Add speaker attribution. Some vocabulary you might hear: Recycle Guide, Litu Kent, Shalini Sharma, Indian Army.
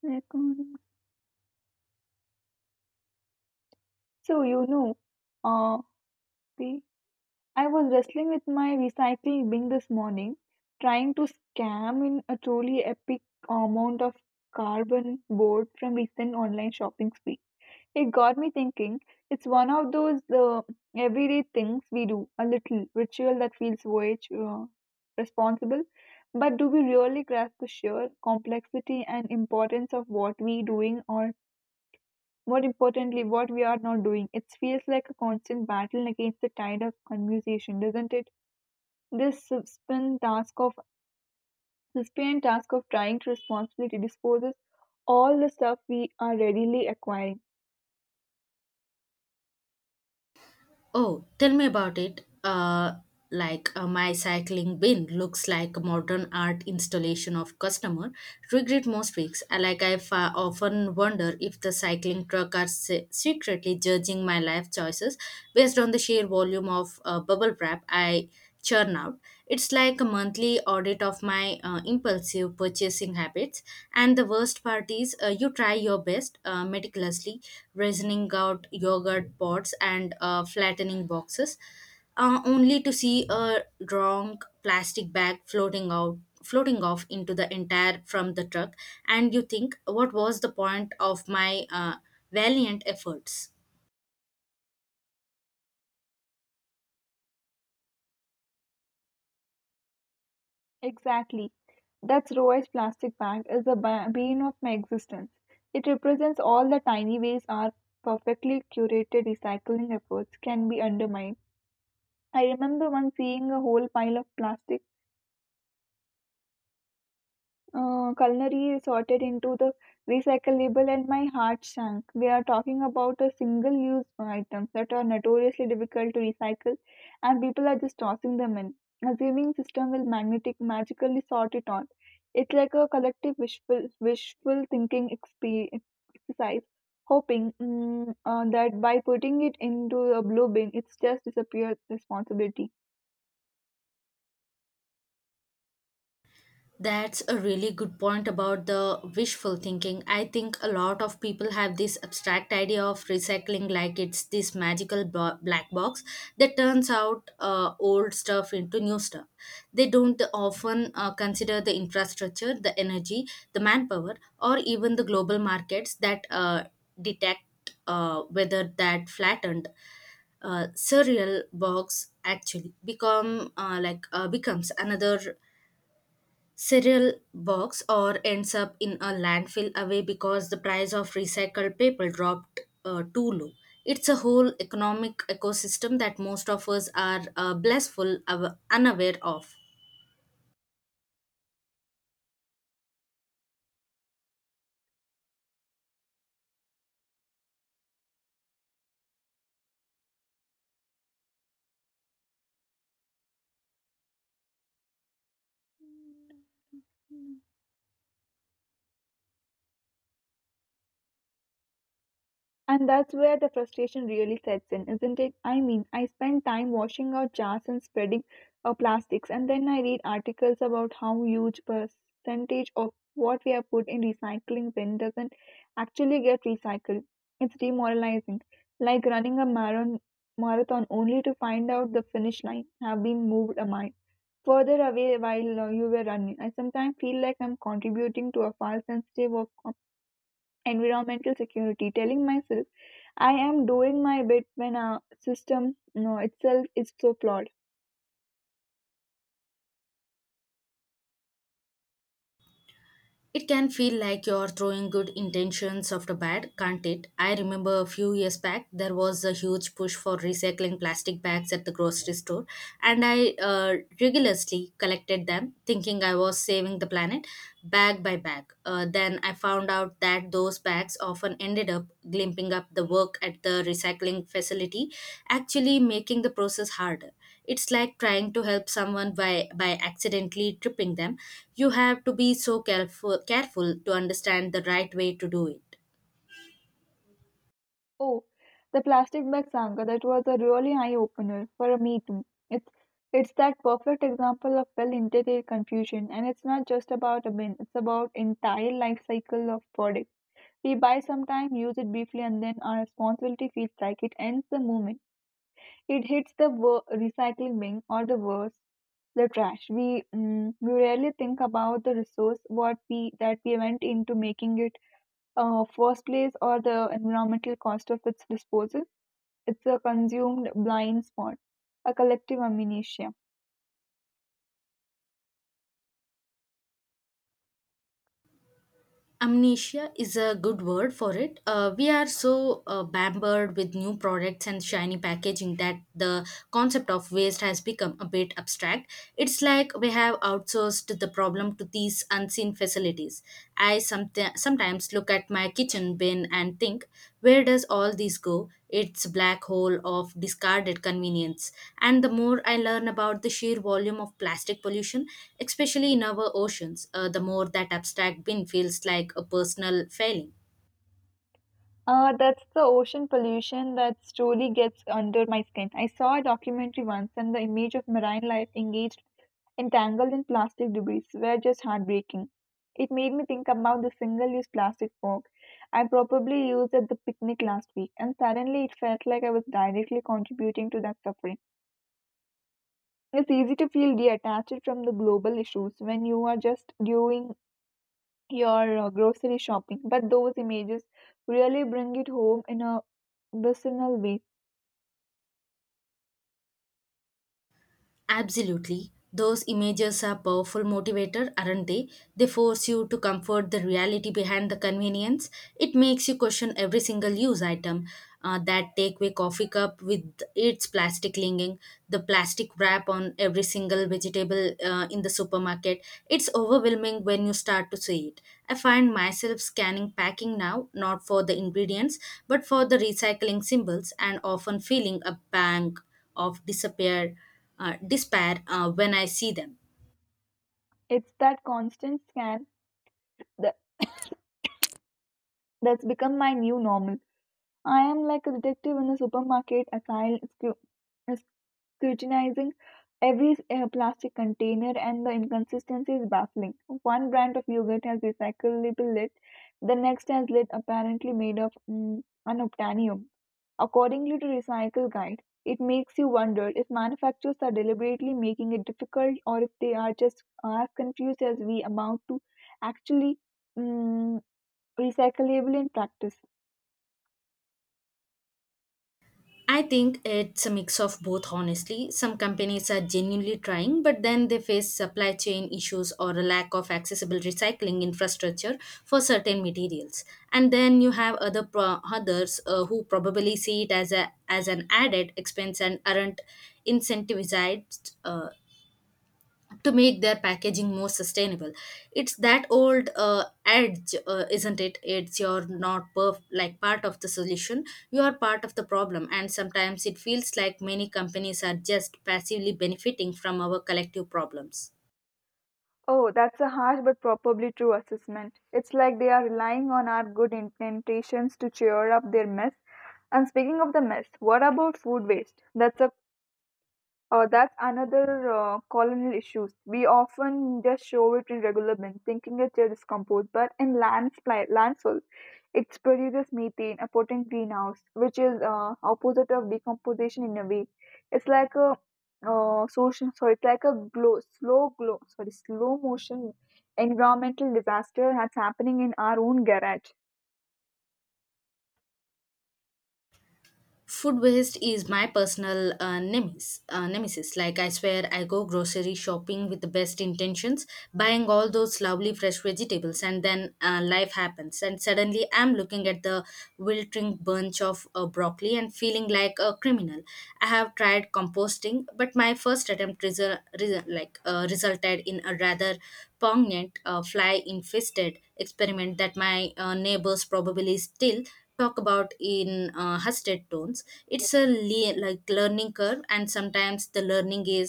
Speaker 1: Recording. So you know, uh, the I was wrestling with my recycling bin this morning, trying to scam in a truly epic amount of carbon board from recent online shopping spree. It got me thinking. It's one of those everyday things we do, a little ritual that feels voyage responsible. But do we really grasp the sheer complexity and importance of what we doing or more importantly, what we are not doing. It feels like a constant battle against the tide of conversation, doesn't it? This suspend task of Sustained task of trying to responsibly disposes all the stuff we are readily acquiring.
Speaker 2: Oh, tell me about it. My cycling bin looks like a modern art installation of customer regret most weeks. I often wonder if the cycling truck are secretly judging my life choices based on the sheer volume of bubble wrap I churn out. It's like a monthly audit of my impulsive purchasing habits. And the worst part is, you try your best meticulously, reasoning out yogurt pots and flattening boxes, only to see a wrong plastic bag floating out. Floating off into the entire from the truck, and you think, what was the point of my valiant efforts?
Speaker 1: Exactly. That's Roy's plastic bag is the bane of my existence. It represents all the tiny ways our perfectly curated recycling efforts can be undermined. I remember once seeing a whole pile of plastic, uh, culinary sorted into the recyclable, and my heart sank. We are talking about a single-use items that are notoriously difficult to recycle, and people are just tossing them in, assuming system will magnetic magically sort it all. It's like a collective wishful thinking exercise, hoping that by putting it into a blue bin, it's just disappears responsibility.
Speaker 2: That's a really good point about the wishful thinking. I think a lot of people have this abstract idea of recycling like it's this magical black box that turns out old stuff into new stuff. They don't often consider the infrastructure, the energy, the manpower, or even the global markets that detect whether that flattened surreal box actually become becomes another cereal box or ends up in a landfill away because the price of recycled paper dropped too low. It's a whole economic ecosystem that most of us are blissful, unaware of.
Speaker 1: And that's where the frustration really sets in, isn't it? I mean, I spend time washing out jars and spreading plastics, and then I read articles about how huge percentage of what we have put in recycling bin doesn't actually get recycled. It's demoralizing, like running a marathon only to find out the finish line have been moved a mile further away while you were running. I sometimes feel like I'm contributing to a false sense of environmental security, telling myself I am doing my bit when our system no, itself is so flawed.
Speaker 2: It can feel like you're throwing good intentions after bad, can't it? I remember a few years back there was a huge push for recycling plastic bags at the grocery store, and I rigorously collected them, thinking I was saving the planet bag by bag. Then I found out that those bags often ended up glimping up the work at the recycling facility, actually making the process harder. It's like trying to help someone by accidentally tripping them. You have to be so careful to understand the right way to do it.
Speaker 1: Oh, the plastic bag saga, that was a really eye opener for me too. It's, it's that perfect example of well intended confusion, and it's not just about a bin, it's about entire life cycle of product. We buy sometime, use it briefly, and then our responsibility feels like it ends the moment. It hits the recycling bin or the worse, the trash. We rarely think about the resource what we that we went into making it first place or the environmental cost of its disposal. It's a consumed blind spot, a collective amnesia.
Speaker 2: Amnesia is a good word for it. We are so bambered with new products and shiny packaging that the concept of waste has become a bit abstract. It's like we have outsourced the problem to these unseen facilities. I sometimes look at my kitchen bin and think, where does all this go? It's black hole of discarded convenience. And the more I learn about the sheer volume of plastic pollution, especially in our oceans, the more that abstract bin feels like a personal failing.
Speaker 1: That's the ocean pollution that slowly gets under my skin. I saw a documentary once, and the image of marine life entangled in plastic debris, were just heartbreaking. It made me think about the single-use plastic fork I probably used at the picnic last week, and suddenly it felt like I was directly contributing to that suffering. It's easy to feel detached from the global issues when you are just doing your grocery shopping. But those images really bring it home in a visceral way.
Speaker 2: Absolutely. Those images are powerful motivator, aren't they? They force you to comfort the reality behind the convenience. It makes you question every single use item. That takeaway coffee cup with its plastic lining, the plastic wrap on every single vegetable in the supermarket. It's overwhelming when you start to see it. I find myself scanning packing now, not for the ingredients, but for the recycling symbols, and often feeling a pang of despair when I see them.
Speaker 1: It's that constant that, that's become my new normal. I am like a detective in the supermarket, a scru- scrutinizing every plastic container, and the inconsistency is baffling. One brand of yogurt has recyclable lid, the next has lid apparently made of unobtainium. Accordingly to Recycle Guide, it makes you wonder if manufacturers are deliberately making it difficult or if they are just as confused as we about to actually mm, recyclable in practice.
Speaker 2: I think it's a mix of both, honestly. Some companies are genuinely trying, but then they face supply chain issues or a lack of accessible recycling infrastructure for certain materials. And then you have others who probably see it as a as an added expense and aren't incentivized to make their packaging more sustainable. It's that old edge, isn't it? It's you're not part of the solution, you are part of the problem, and sometimes it feels like many companies are just passively benefiting from our collective problems.
Speaker 1: Oh, that's a harsh but probably true assessment. It's like they are relying on our good intentions to cheer up their mess. And speaking of the mess, what about food waste? That's another colonial issues. We often just show it in regular bin, thinking it's just discomposed, but in landslide, landfill, it produces methane, a potent greenhouse, which is opposite of decomposition in a way. It's like a it's like a glow, slow glow, sorry, slow motion environmental disaster that's happening in our own garage.
Speaker 2: Food waste is my personal nemesis. Like I swear, I go grocery shopping with the best intentions, buying all those lovely fresh vegetables, and then life happens, and suddenly I'm looking at the wilting bunch of broccoli and feeling like a criminal. I have tried composting, but my first attempt resulted in a rather pungent fly-infested experiment that my neighbors probably still talk about in hushed tones. It's a learning curve, and sometimes the learning is